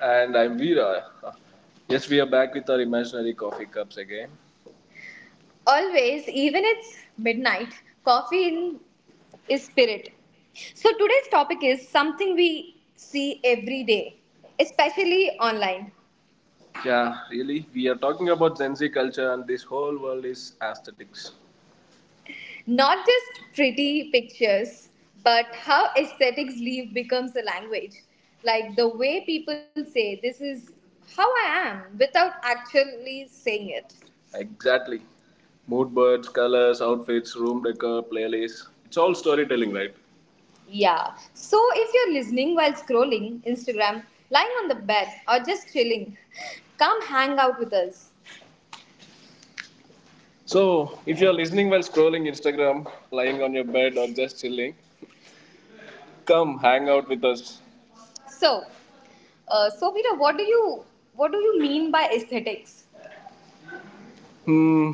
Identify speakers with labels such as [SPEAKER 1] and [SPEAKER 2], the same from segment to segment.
[SPEAKER 1] And I'm Veera. Yes, we are back with our imaginary coffee cups again. Always, even it's midnight, coffee in, is spirit. So today's topic is something we see every day, especially online. Yeah, really, we are talking about Gen Z culture and this whole world is aesthetics. Not just pretty pictures, but how aesthetics leave becomes a language. Like the way people say, this is how I am, without actually saying it. Exactly. Mood boards, colors, outfits, room decor, playlists. It's all storytelling, right? Yeah. So if you're listening while scrolling Instagram, lying on the bed, or just chilling, come hang out with us. So, if you're listening while scrolling Instagram, lying on your bed, or just chilling, come hang out with us. So, so Veera, what do you mean by aesthetics? Hmm.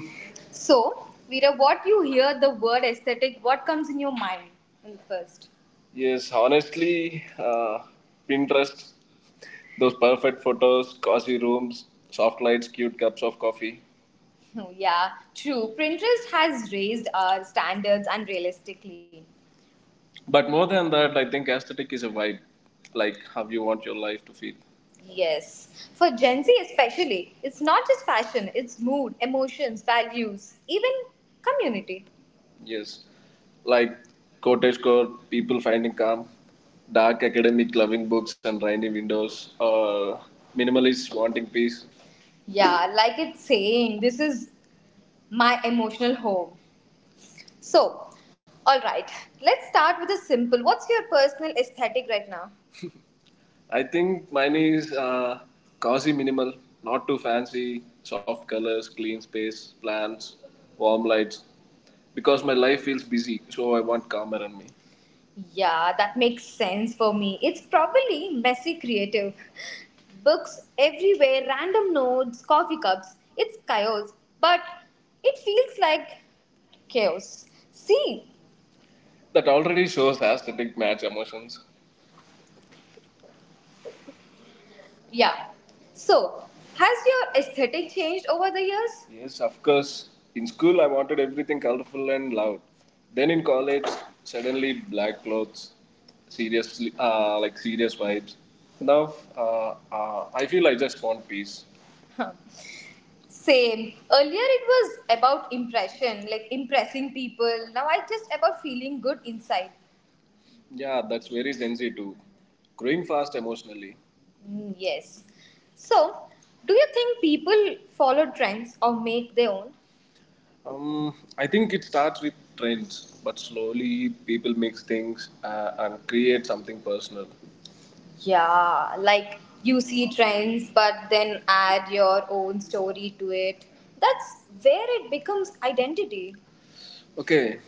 [SPEAKER 1] So, Veera, what you hear the word aesthetic, what comes in your mind in the first? Yes, honestly, Pinterest, those perfect photos, cozy rooms, soft lights, cute cups of coffee. Yeah, true. Pinterest has raised our standards unrealistically. But more than that, I think aesthetic is a vibe, like how you want your life to feel. Yes. For Gen Z especially, it's not just fashion, it's mood, emotions, values, even community. Yes, like cottagecore people finding calm, dark academic loving books and rainy windows, or minimalists wanting peace. Yeah, like it's saying, this is my emotional home. So, all right, let's start with a simple. What's your personal aesthetic right now? I think mine is cozy minimal, not too fancy, soft colors, clean space, plants, warm lights. Because my life feels busy, so I want calm around me. Yeah, that makes sense for me. It's probably messy creative. Books everywhere, random notes, coffee cups. It's chaos, but it feels like chaos. See, that already shows aesthetic match emotions. Yeah. So, has your aesthetic changed over the years? Yes, of course. In school, I wanted everything colorful and loud. Then in college, suddenly black clothes, seriously, like serious vibes. Now, I feel I just want peace. Huh. Same. Earlier it was about impression, like impressing people. Now I just about feeling good inside. Yeah, that's very Gen Z too. Growing fast emotionally. Mm, yes. So, do you think people follow trends or make their own? I think it starts with trends, but slowly people mix things and create something personal. Yeah, like you see trends, but then add your own story to it. That's where it becomes identity. Okay,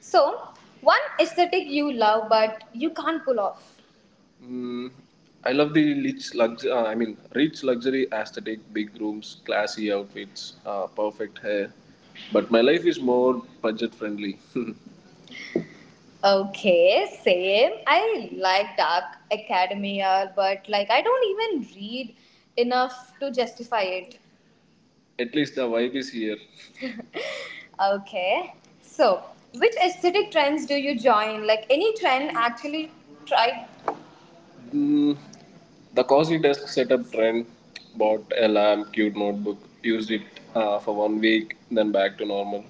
[SPEAKER 1] so, one aesthetic you love, but you can't pull off. Mm, I love the rich lux. I mean, rich luxury aesthetic, big rooms, classy outfits, perfect hair. But my life is more budget friendly. Okay, same. I like Dark Academia, but like I don't even read enough to justify it. At least the vibe is here. Okay. So, which aesthetic trends do you join? Like any trend actually try. Mm, the cozy desk setup trend bought a lamp, cute notebook, used it for one week, then back to normal.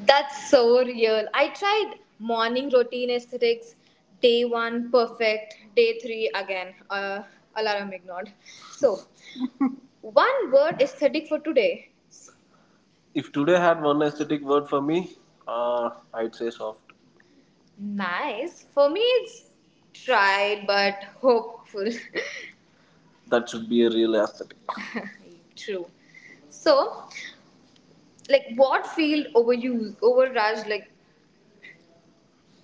[SPEAKER 1] That's so real. I tried morning routine aesthetics, day one perfect, day three again, alarm ignored. So, one word aesthetic for today. If today had one aesthetic word for me, I'd say soft. Nice. For me, it's tried but hopeful. That should be a real aesthetic. True. So, like, what field overuse, overrage, like,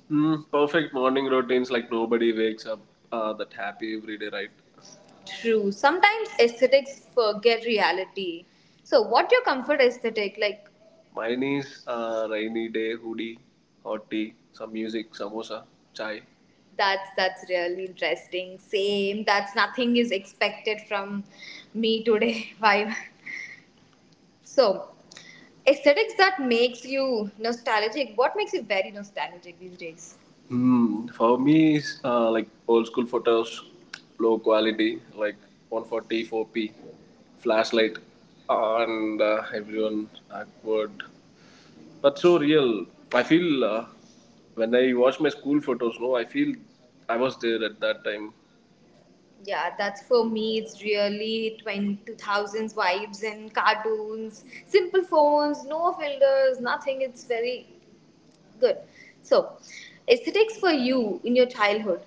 [SPEAKER 1] mm, perfect morning routines like nobody wakes up that happy every day, right? True. Sometimes aesthetics forget reality. So, what your comfort aesthetic, like, mine is rainy day hoodie, hot tea, some music, samosa, chai. That's really interesting. Same. That's nothing is expected from me today. Vibe. So, aesthetics that makes you nostalgic. What makes you very nostalgic these days? Hmm. For me, it's like old school photos, low quality, like 144p, flashlight, and everyone awkward, but so real. I feel when I watch my school photos, no, I feel I was there at that time. Yeah, that's for me. It's really twenty two thousands vibes and cartoons, simple phones, no filters, nothing. It's very good. So, aesthetics for you in your childhood.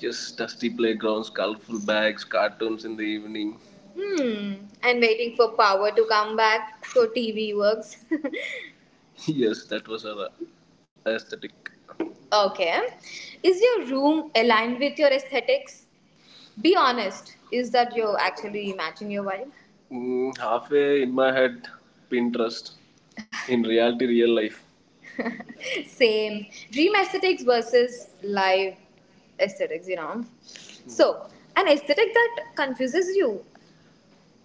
[SPEAKER 1] Just dusty playgrounds, colorful bags, cartoons in the evening. Hmm, and waiting for power to come back so TV works. Yes, that was our aesthetic. Okay. Is your room aligned with your aesthetics? Be honest, is that you're actually matching your wife? Mm, halfway in my head, Pinterest. In reality, real life. Same. Dream aesthetics versus live aesthetics, you know. Mm. So, an aesthetic that confuses you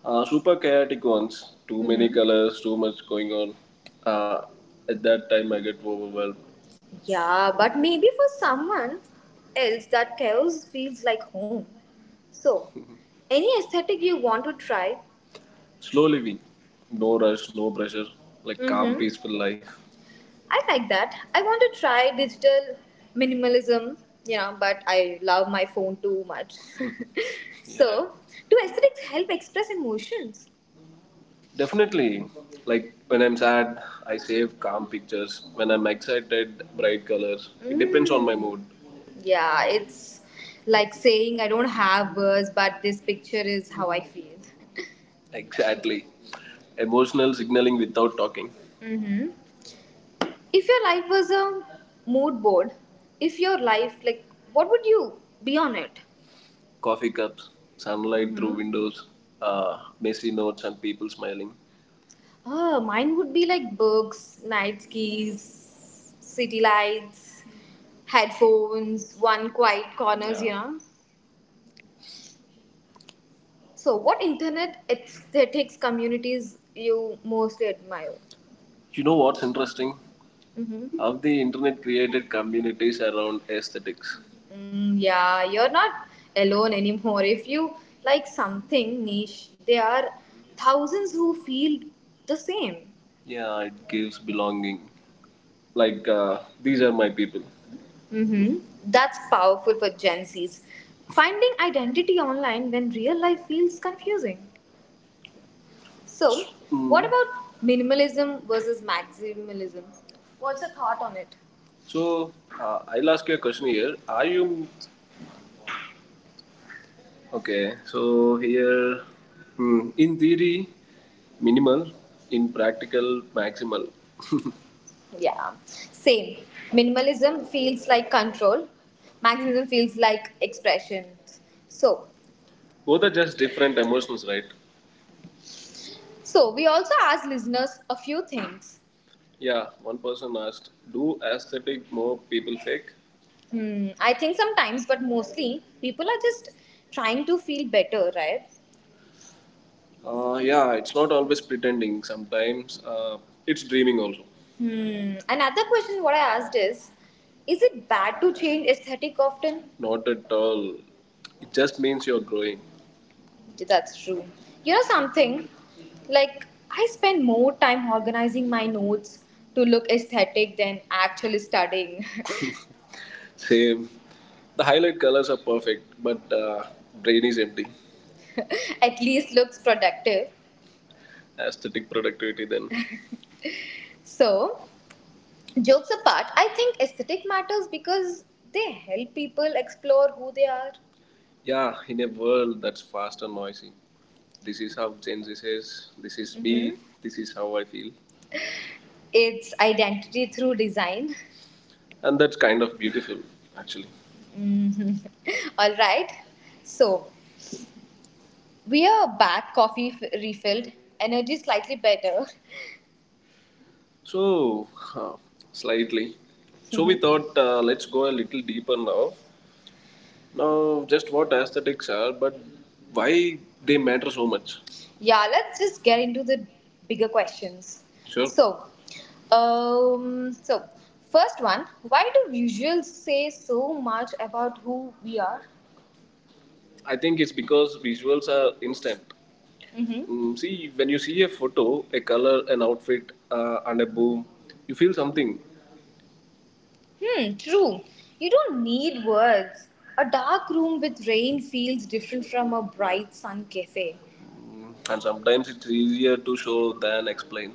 [SPEAKER 1] super chaotic ones. Too many Mhm. colors, too much going on. Uh, at that time, I get overwhelmed. Yeah, but maybe for someone else that chaos feels like home. So, any aesthetic you want to try? Slow living. No rush, no pressure. Like calm, Mhm. peaceful life. I like that. I want to try digital minimalism, you know, but I love my phone too much. So, do aesthetics help express emotions? Definitely, like when I'm sad, I save calm pictures. When I'm excited, bright colors. It depends on my mood. Yeah, it's like saying I don't have words, but this picture is how I feel. Exactly. Emotional signaling without talking. Mm-hmm. If your life was a mood board, if your life, like, what would you be on it? Coffee cups, sunlight through Mhm. windows, uh, messy notes, and people smiling. Oh, mine would be like books, night skis, city lights, headphones, one quiet corners, yeah, you know. So, what internet aesthetics communities you mostly admire? You know what's interesting? Mm-hmm. How the internet created communities around aesthetics. Mm, yeah, you're not alone anymore. If you like something niche, there are thousands who feel the same. Yeah, it gives belonging. Like, these are my people. Mm-hmm. That's powerful for Gen Zs. Finding identity online when real life feels confusing. So, hmm, what about minimalism versus maximalism? What's your thought on it? So I'll ask you a question here. Are you okay? So here, hmm, in theory, minimal, in practical, maximal. Yeah, same. Minimalism feels like control, maximalism feels like expression. So, both are just different emotions, right? So we also asked listeners a few things. Yeah, one person asked, do aesthetic more people fake? Hmm, I think sometimes, but mostly people are just trying to feel better, right? Yeah, it's not always pretending. Sometimes it's dreaming also. Hmm. Another question what I asked is it bad to change aesthetic often? Not at all. It just means you're growing. That's true. You know something? Like, I spend more time organizing my notes to look aesthetic than actually studying. Same. The highlight colors are perfect, but brain is empty. At least looks productive. Aesthetic productivity then. So, jokes apart, I think aesthetic matters because they help people explore who they are. Yeah, in a world that's fast and noisy. This is how Gen Z says, this is me, Mhm. this is how I feel. It's identity through design. And that's kind of beautiful, actually. Mhm. All right. So we are back, coffee refilled, energy slightly better. So, uh, slightly. So, we Mhm. thought let's go a little deeper now. Just what aesthetics are, but why they matter so much? Yeah, let's just get into the bigger questions. Sure. So, so first one, why do visuals say so much about who we are? I think it's because visuals are instant. Hmm? Mm, see, when you see a photo, a color, an outfit, and a boom, you feel something. Hmm, true. You don't need words. A dark room with rain feels different from a bright sun cafe. And sometimes it's easier to show than explain.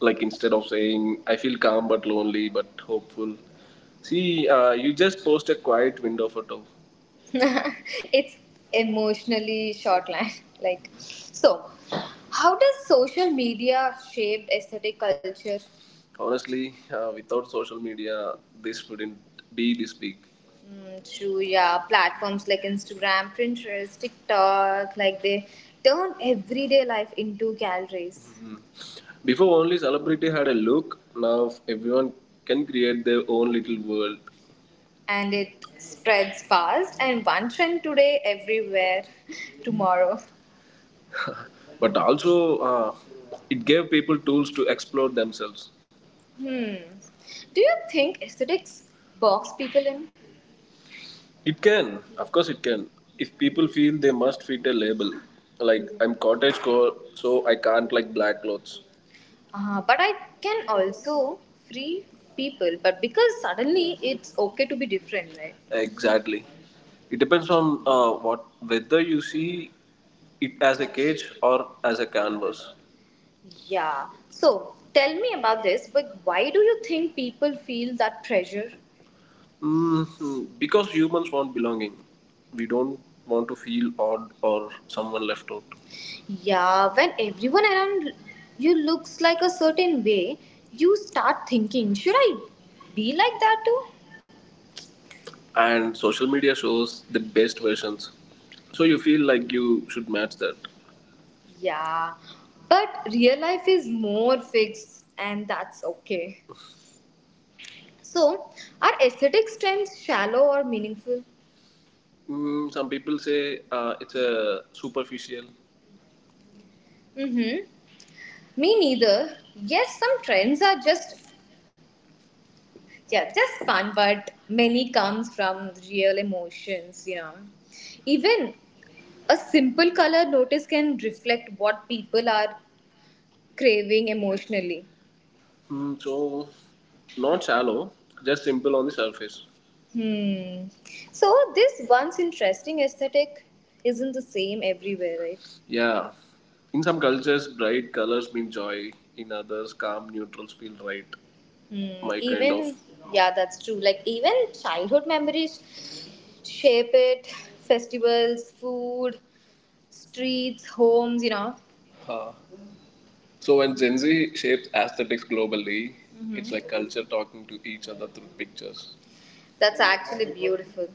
[SPEAKER 1] Like instead of saying, I feel calm but lonely but hopeful, see, you just post a quiet window photo. It's emotionally short line. Like, so how does social media shape aesthetic culture? Honestly, without social media, this wouldn't be this big. Mm, true, yeah. Platforms like Instagram, Pinterest, TikTok, like they turn everyday life into galleries. Before, only celebrity had a look. Now, everyone can create their own little world and it spreads fast. And one trend today, everywhere tomorrow. But also, it gave people tools to explore themselves. Hmm. Do you think aesthetics box people in? It can, of course, it can. If people feel they must fit a label, like I'm cottagecore, so I can't like black clothes. But I can also free people, but because suddenly it's okay to be different, right? Exactly. It depends on what whether you see it as a cage or as a canvas. Yeah. So tell me about this, but why do you think people feel that pressure? Mhm. Because humans want belonging. We don't want to feel odd or someone left out. Yeah, when everyone around you looks like a certain way, you start thinking, should I be like that too? And social media shows the best versions, so you feel like you should match that. Yeah, but real life is more fixed and that's okay. So, are aesthetic trends shallow or meaningful? Some people say it's a superficial. Mm-hmm. Me neither. Yes, some trends are just yeah, just fun, but many comes from real emotions. Even a simple color notice can reflect what people are craving emotionally. So, not shallow, just simple on the surface. Hmm. So this once interesting aesthetic isn't the same everywhere, right? Yeah. In some cultures, bright colors mean joy. In others, calm neutrals feel right. Hmm. My kind even of. Yeah, that's true. Like even childhood memories shape it. Festivals, food, streets, homes. Huh. So when Gen Z shapes aesthetics globally, mm-hmm, it's like culture talking to each other through pictures. That's actually beautiful.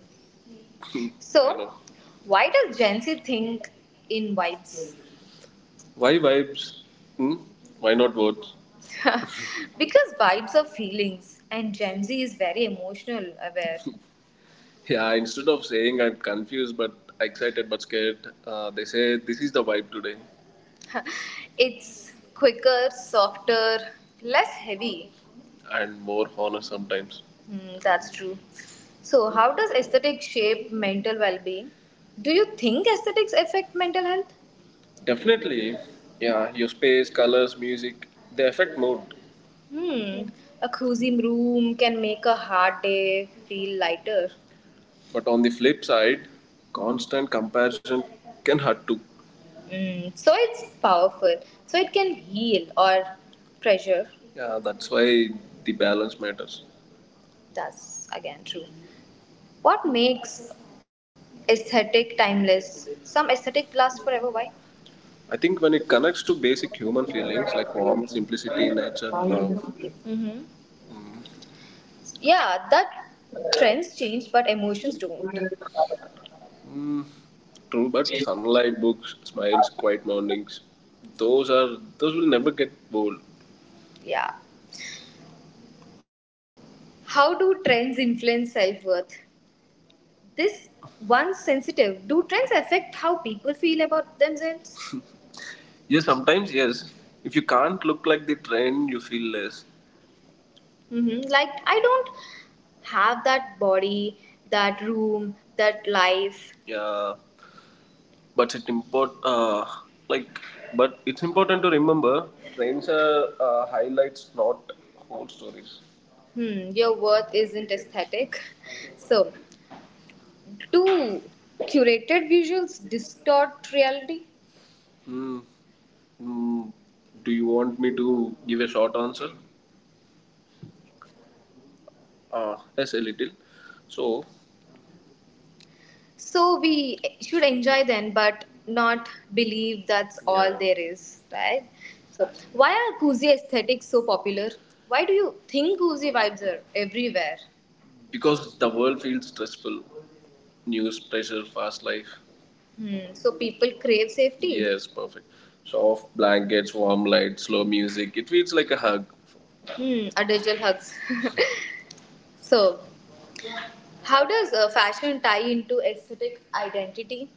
[SPEAKER 1] So, why does Gen Z think in vibes? Why vibes? Hmm? Why not words? because vibes are feelings, and Gen Z is very emotional aware. Yeah, instead of saying I'm confused but excited but scared, they say this is the vibe today. It's quicker, softer, less heavy, and more honest sometimes. Hmm, that's true. So, how does aesthetic shape mental well being? Do you think aesthetics affect mental health? Definitely, yeah, your space, colors, music, they affect mood. Hmm, a cozy room can make a hard day feel lighter. But on the flip side, constant comparison can hurt too. So it's powerful. So it can heal or pressure. Yeah, that's why the balance matters. That's again true. What makes aesthetic timeless? Some aesthetic lasts forever. Why? I think when it
[SPEAKER 2] ご視
[SPEAKER 1] connects to basic human
[SPEAKER 2] 聴ありがとうご
[SPEAKER 1] feelings like warmth, simplicity, nature,
[SPEAKER 2] ざいま
[SPEAKER 1] love.
[SPEAKER 2] し
[SPEAKER 1] Mm-hmm. Yeah, that trends change, but emotions don't. mm, True, but
[SPEAKER 2] た。
[SPEAKER 1] sunlight, books, smiles, quiet mornings, those will never get old. Yeah. How do trends influence self worth? This one's sensitive. Do trends affect how people feel about themselves? Yes, sometimes yes. If you can't look like the trend, you feel less. Mm-hmm. Like, I don't have that body, that room, that life. Yeah, but it import uh, like but it's important to remember trains are highlights not whole stories. Your worth isn't aesthetic. So, do curated visuals distort reality? Hmm. Hmm. Do you want me to give a short answer? Yes, a little. So So we should enjoy then, but not believe that's all. Yeah, there is, right? So why are cozy aesthetics so popular? Why do you think cozy vibes are everywhere? Because the world feels stressful. News, pressure, fast life. Hmm. So people crave safety. Yes, perfect. Soft blankets, warm light, slow music. It feels like a hug. Hmm. A digital hugs. so how does fashion tie into aesthetic identity?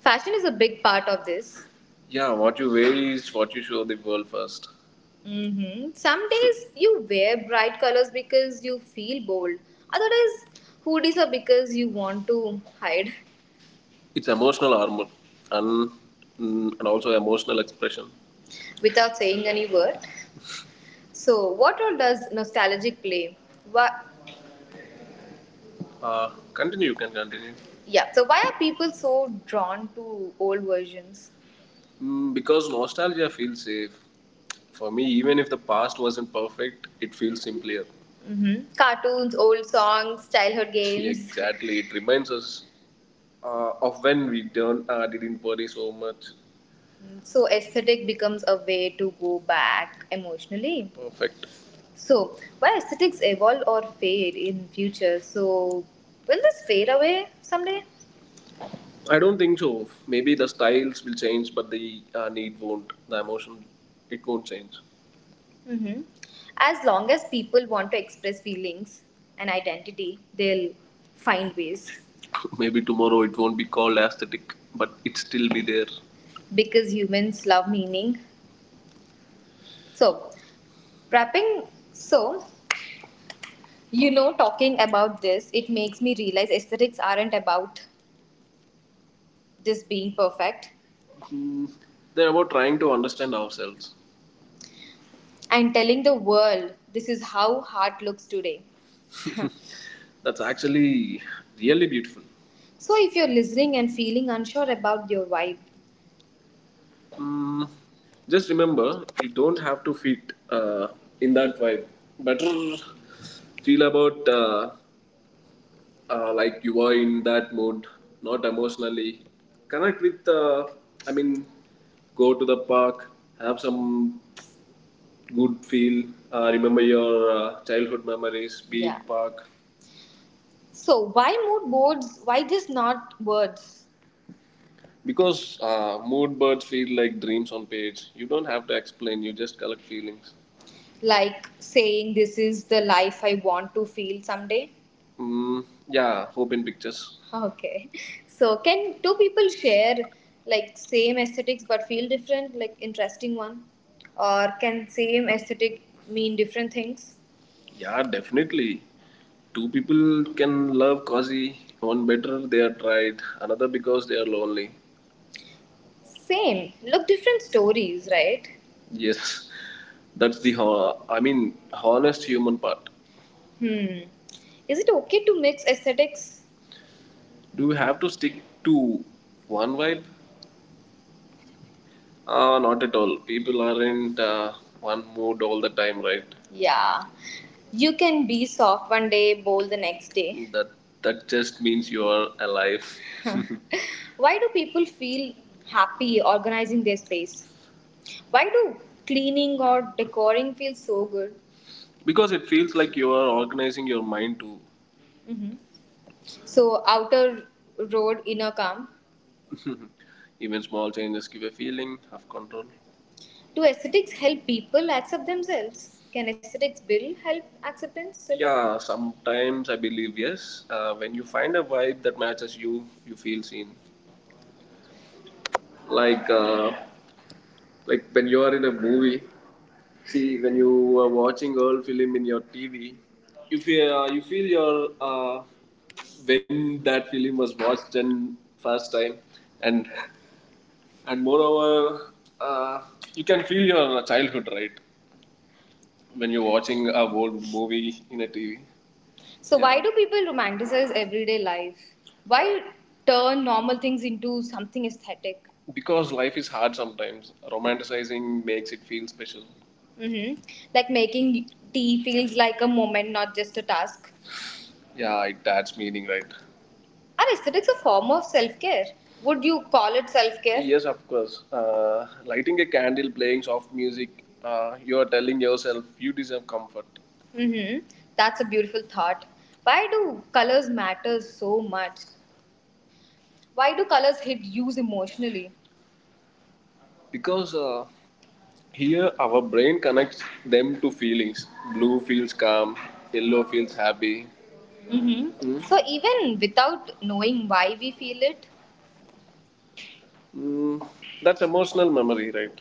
[SPEAKER 1] Fashion is a big part of this. Yeah, what you wear is what you show the world first. Some days you wear bright colors because you feel bold. Other days, hoodies are because you want to hide. It's emotional armor and, and also emotional expression, without saying any word. So, what role does nostalgic play? Why, Uh, continue, you can continue. Yeah. So, why are people so drawn to old versions? Because nostalgia feels safe. For me, even if the past wasn't perfect, it feels simpler. Cartoons, old songs, childhood games. Exactly. It reminds us of when we don't, didn't worry so much. So, aesthetic becomes a way to go back emotionally. Perfect. So, why aesthetics evolve or fade in future? So, will this fade away someday? I don't think so. Maybe the styles will change, but the need won't. The emotion, it won't change. hmm As long as people want to express feelings and identity, they'll find ways. Maybe tomorrow it won't be called aesthetic, but it still be there, because humans love meaning. So, wrapping, so talking about this, it makes me realize aesthetics aren't about this being perfect. Mm, They're about trying to understand ourselves, and telling the world this is how heart looks today. That's actually really beautiful. So if you're listening and feeling unsure about your vibe, Mm, just remember, you don't have to fit uh, in that vibe. Better feel about like you were in that mood, not emotionally. Connect with, I mean, go to the park, have some good feel, remember your childhood memories, be in yeah park. So why mood boards? Why just not words? Because mood birds feel like dreams on page. You don't have to explain, you just collect feelings. Like saying, this is the life I want to feel someday. Mm, yeah, hope in pictures. Okay. So, can two people share like same aesthetics but feel different, like interesting one? Or can same aesthetic mean different things? Yeah, definitely. Two people can love cozy. One better they are tried, another because they are lonely. Same look, different stories, right? Yes, that's the honest human part. Hmm. Is it okay to mix aesthetics? Do we have to stick to one vibe? Not at all. People aren't one mood all the time, right? Yeah. You can be soft one day, bold the next day. That just means you are alive. Why do people feel happy organizing their space? Why do cleaning or decoring feel so good? Because it feels like you are organizing your mind too. hmm So, outer road, inner calm. Even small changes give a feeling of control. Do aesthetics help people accept themselves? Can aesthetics build help acceptance? Yeah, sometimes I believe yes. When you find a vibe that matches you, you feel seen. Like uh, Like when you are in a movie, see when you are watching old film in your TV, you feel your when that film was watched and first time, and and moreover, uh, you can feel your childhood right when you're watching a old movie in a TV. So yeah. Why yeah do people romanticize everyday life? Why turn normal things into something aesthetic? Because life is hard sometimes. Romanticizing makes it feel special. Mm-hmm. Like making tea feels like a moment, not just a task. Yeah, it adds meaning, right? Are aesthetics a form of self care? Would you call it self care? Yes, of course. Lighting a candle, playing soft music, you are telling yourself you deserve comfort. Mm-hmm. That's a beautiful thought. Why do colors matter so much? Why do colors hit you emotionally? Because here our brain connects them to feelings. Blue feels calm, yellow feels happy. Mm-hmm. Mm. So even without knowing why we feel it, Mm, that's emotional memory, right?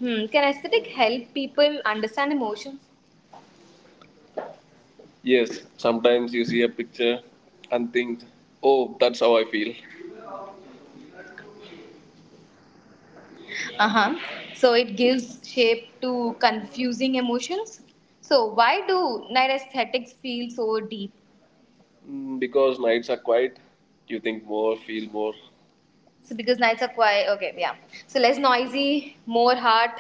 [SPEAKER 1] Hmm. Can aesthetic help people understand emotions? Yes, sometimes you see a picture and think, oh, that's how I feel. Uh huh. So it gives shape to confusing emotions. So why do night aesthetics feel so deep? Because nights are quiet, you think more, feel more. So because nights are quiet, okay, yeah. So less noisy, more heart.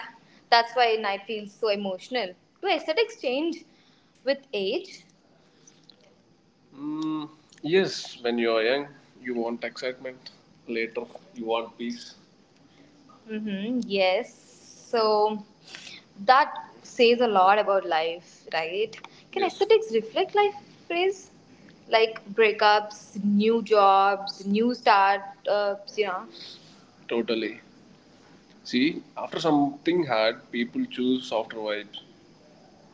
[SPEAKER 1] That's why night feels so emotional. Do aesthetics change with age? Mm, yes, when you are young, you want excitement. Later, you want peace. Mm-hmm. Yes. So that says a lot about life, right? Can yes aesthetics reflect life phase? Like breakups, new jobs, new startups, you know? Totally. See, after something hard, people choose softer vibes.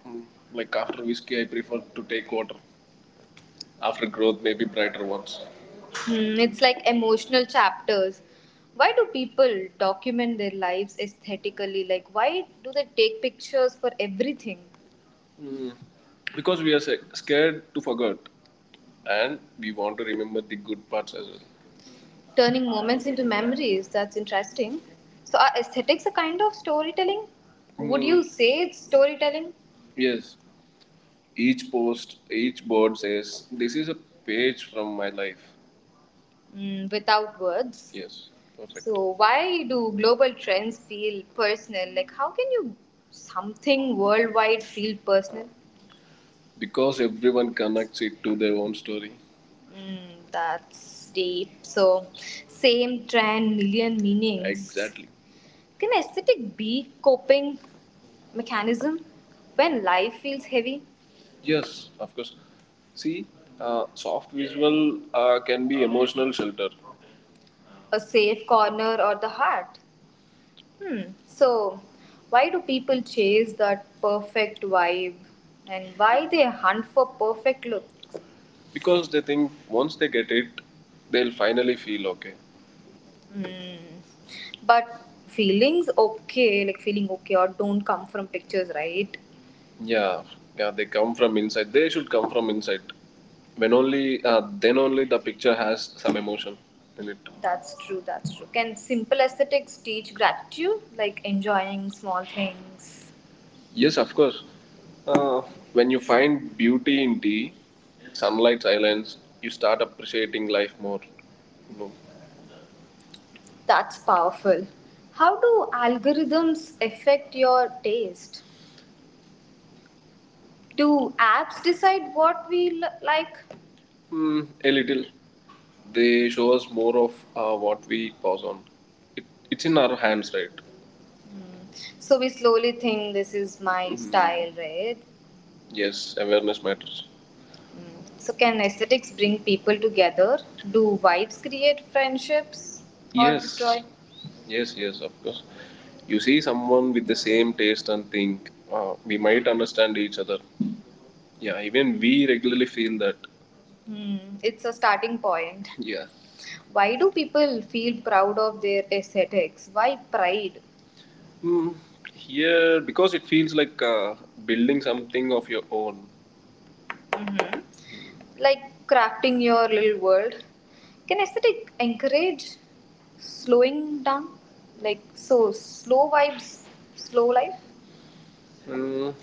[SPEAKER 1] Mm, Like after whiskey, I prefer to take water. After growth, maybe brighter ones. It's like emotional chapters. Why do people document their lives aesthetically? Like, why do they take pictures for everything? Mm. Because we are scared to forget and we want to remember the good parts as well, turning moments into memories. That's interesting. So, are aesthetics a kind of storytelling? Would you say it's storytelling? Yes, each post, each board says, this is a page from my life. Without words. Yes, perfect. So, why do global trends feel personal? Like, how can you something worldwide feel personal? Because everyone connects it to their own story. That's deep. So, same trend, million meanings. Exactly. Can aesthetic be coping mechanism when life feels heavy? Yes, of course. See, soft visual can be emotional shelter. A safe corner or the heart? Hmm. So, why do people chase that perfect vibe and why they hunt for perfect look? Because they think once they get it, they'll finally feel okay. Hmm. But feelings okay, like feeling okay or don't come from pictures, right? Yeah, yeah, they come from inside. They should come from inside. When only, then only the picture has some emotion in it. That's true, that's true. Can simple aesthetics teach gratitude, like enjoying small things? Yes, of course. Uh, when you find beauty in tea, sunlight, silence, you start appreciating life more. You know. That's powerful. How do algorithms affect your taste? Do apps decide what we like? Hmm, a little. They show us more of what we pause on. It, it's in our hands, right? So we slowly think this is my style, right? Yes, awareness matters. So, can aesthetics bring people together? Do vibes create friendships or, yes, destroy? Yes, yes, of course. You see someone with the same taste and think we might understand each other. Yeah, even we regularly feel that. Hmm, it's a starting point. Yeah. Why do people feel proud of their aesthetics? Why pride? Mm, here, because it feels like building something of your own. Like crafting your little world. Can aesthetic encourage slowing down, like, so slow vibes, slow life? Mm,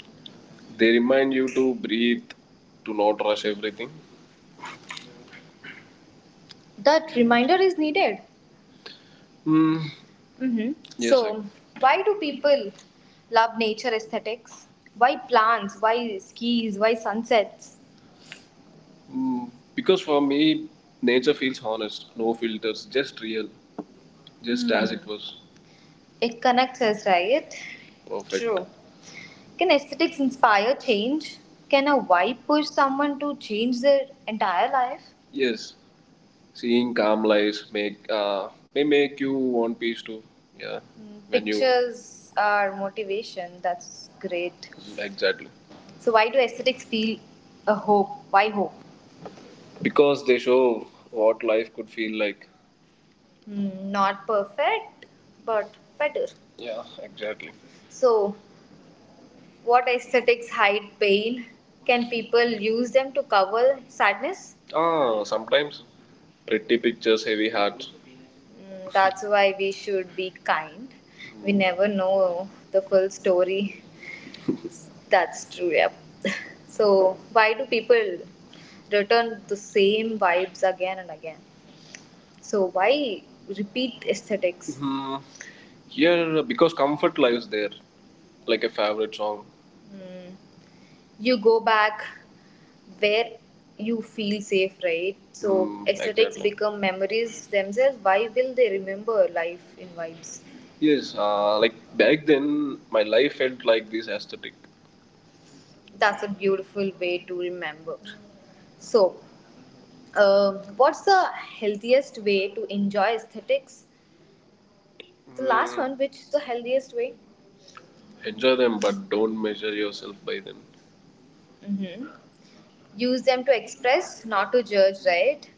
[SPEAKER 1] they remind you to breathe, to not rush everything. That reminder is needed. Mm, mm-hmm. Yes, so why do people love nature aesthetics? Why plants? Why skis? Why sunsets? Mm, because for me, nature feels honest, no filters, just real. Just as it was. It connects us, right? Perfect. True. Can aesthetics inspire change? Can a vibe push someone to change their entire life? Yes, seeing calm lives make may make you want peace too. Yeah, mm, when you pictures are motivation. That's great. Exactly. So, why do aesthetics feel a hope? Why hope? Because they show what life could feel like. Not perfect, but better. Yeah, exactly. So, what aesthetics hide pain? Can people use them to cover sadness? Ah, sometimes pretty pictures, heavy hearts. That's why we should be kind. We never know the full story. That's true, yep. So, why do people return the same vibes again and again? So, why repeat aesthetics? Hmm. Here, because comfort lies there, like a favorite song. You go back where you feel safe, right? So, aesthetics, exactly, become memories themselves. Why will they remember life in vibes? Yes, like back then, my life felt like this aesthetic. That's a beautiful way to remember. So, um what's the healthiest way to enjoy aesthetics? The last one, which is the healthiest way? Enjoy them, but don't measure yourself by them. hmm Use them to express, not to judge, right?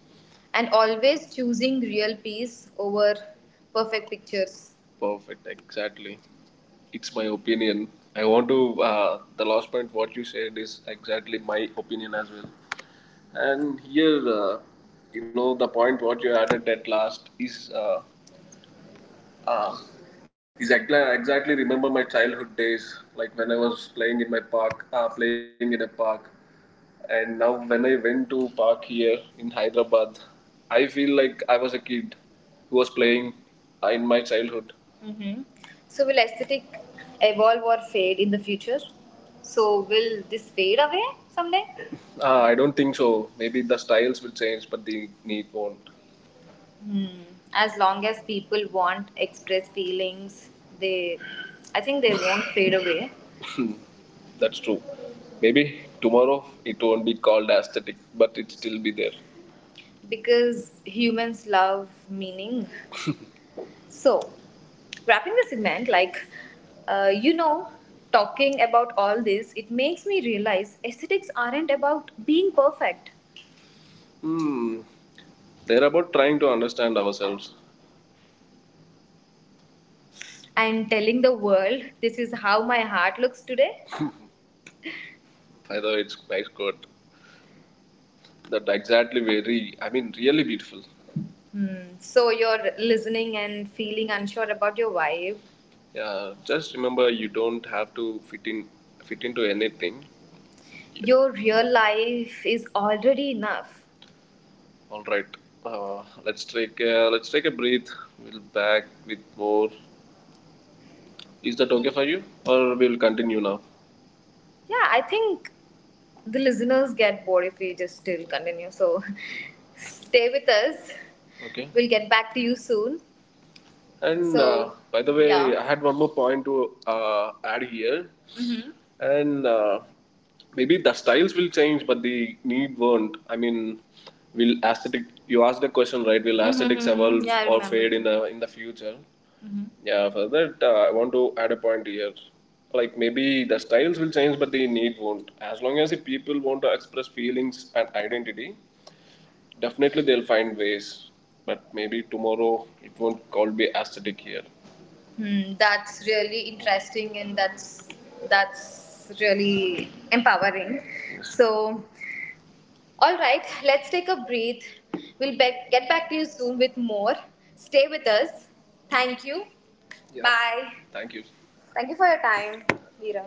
[SPEAKER 1] And always choosing real peace over perfect pictures. Perfect, exactly. It's my opinion. The last point what you said is exactly my opinion as well. And here, the point what you added at last is Um, exactly, exactly remember my childhood days, like when I was playing in my park, playing in a park. And now when I went to park here in Hyderabad, I feel like I was a kid who was playing in my childhood. Hmm. So, will aesthetic evolve or fade in the future? So, will this fade away someday? I don't think so. Maybe the styles will change, but the need won't. Hmm. As long as people want express feelings, they, I think they won't fade away. That's true. Maybe tomorrow it won't be called aesthetic, but it still be there. Because humans love meaning. So, wrapping the segment, like, uh, you know, talking about all this, it makes me realize aesthetics aren't about being perfect. Hmm. They're about trying to understand ourselves. And telling the world this is how my heart looks today. I know it's nice quote. That exactly very, I mean, really beautiful. Hmm. So, you're listening and feeling unsure about your vibe. Yeah, just remember you don't have to fit into anything. Your real life is already enough. All right, let's take a breath. We'll back with more. Is that okay for you, or we'll continue now? Yeah, I think the listeners get bored if we just still continue. So, stay with us. Okay. We'll get back to you soon. And So, by the way, yeah. I had one more point to add here. Mm-hmm. And maybe the styles will change, but the need won't. I mean, will aesthetic? You asked the question, right? Will aesthetics, mm-hmm, evolve, yeah, or fade in the future? Yeah, for that, I want to add a point here. Like, maybe the styles will change, but the need won't. As long as the people want to express feelings and identity, definitely they'll find ways. But maybe tomorrow it won't call be aesthetic here. Hmm, that's really interesting, and that's really empowering. So, all right, let's take a breath. We'll get back to you soon with more. Stay with us. Thank you. Yeah. Bye. Thank you. Thank you for your time, Veera.